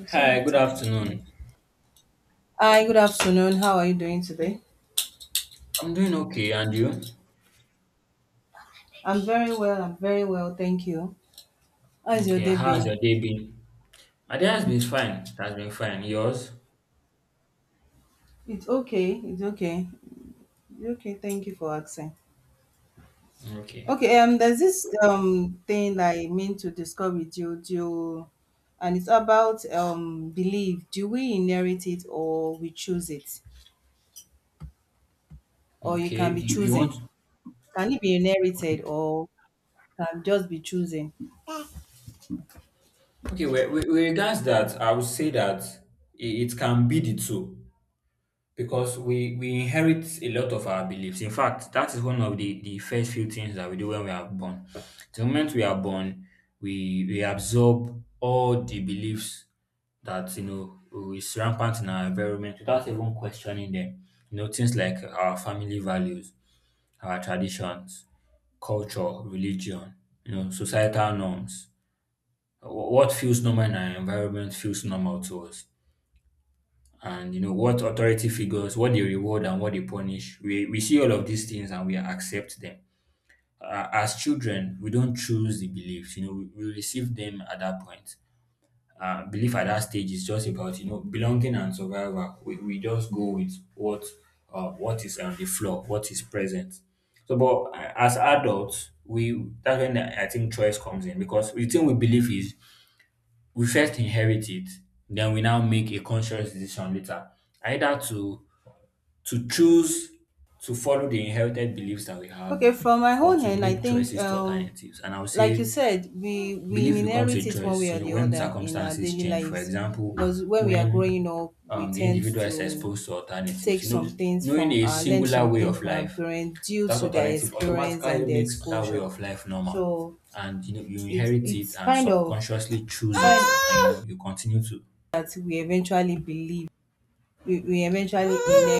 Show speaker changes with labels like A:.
A: I still
B: Hi,
A: have
B: good
A: time. No.
B: afternoon.
A: Hi, good afternoon. How are you doing today?
B: I'm doing okay, and you?
A: I'm very well. I'm very well. Thank you. How's your
B: Okay,
A: day
B: how's your
A: been?
B: day been? My day has been fine. It has been fine. Yours?
A: It's okay. It's okay. It's okay. Thank you for asking.
B: Okay.
A: Okay. There's this thing I mean to discuss with you. And it's about belief. Do we inherit it or we choose it, or you
B: Okay.
A: can be
B: You
A: choosing?
B: want?
A: Can it be
B: Okay.
A: inherited or can just be choosing?
B: Okay. With regards that, I would say that it can be the two. Because we inherit a lot of our beliefs. In fact, that is one of the first few things that we do when we are born. The moment we are born, we absorb all the beliefs that you know is rampant in our environment without even questioning them. You know, things like our family values, our traditions, culture, religion, you know, societal norms. What feels normal in our environment feels normal to us, and you know, what authority figures, what they reward and what they punish. We see all of these things and we accept them. As children, we don't choose the beliefs. You know, we receive them at that point. Belief at that stage is just about you know belonging and survival. We just go with what is on the floor, what is present. But as adults, we that's when I think choice comes in, because the thing we believe is we first inherit it, then we now make a conscious decision later, either to choose to follow the inherited beliefs that we have,
A: Okay. From my
B: or
A: own
B: to
A: end, I
B: make
A: think
B: choices to alternatives. And I would
A: like you
B: say
A: said, we
B: belief becomes
A: inherit
B: a
A: it one
B: choice,
A: way
B: you
A: or
B: know,
A: the
B: when
A: other in our
B: circumstances
A: daily
B: change. For
A: lives,
B: example,
A: because when we are
B: when
A: growing up, we
B: the
A: tend
B: individual is
A: to
B: exposed to alternatives,
A: take
B: you
A: some
B: know,
A: things
B: knowing
A: from
B: a
A: our learn
B: singular way
A: something
B: of
A: from our
B: life
A: parents due
B: without
A: to their
B: alternative
A: experience and
B: automatically
A: their
B: makes that way
A: exposure.
B: of life normal.
A: So
B: And you know, you
A: it's
B: inherit it
A: it's
B: and
A: kind of
B: subconsciously choose
A: kind
B: it,
A: of
B: and you know, you continue to
A: that we eventually believe we eventually inherit.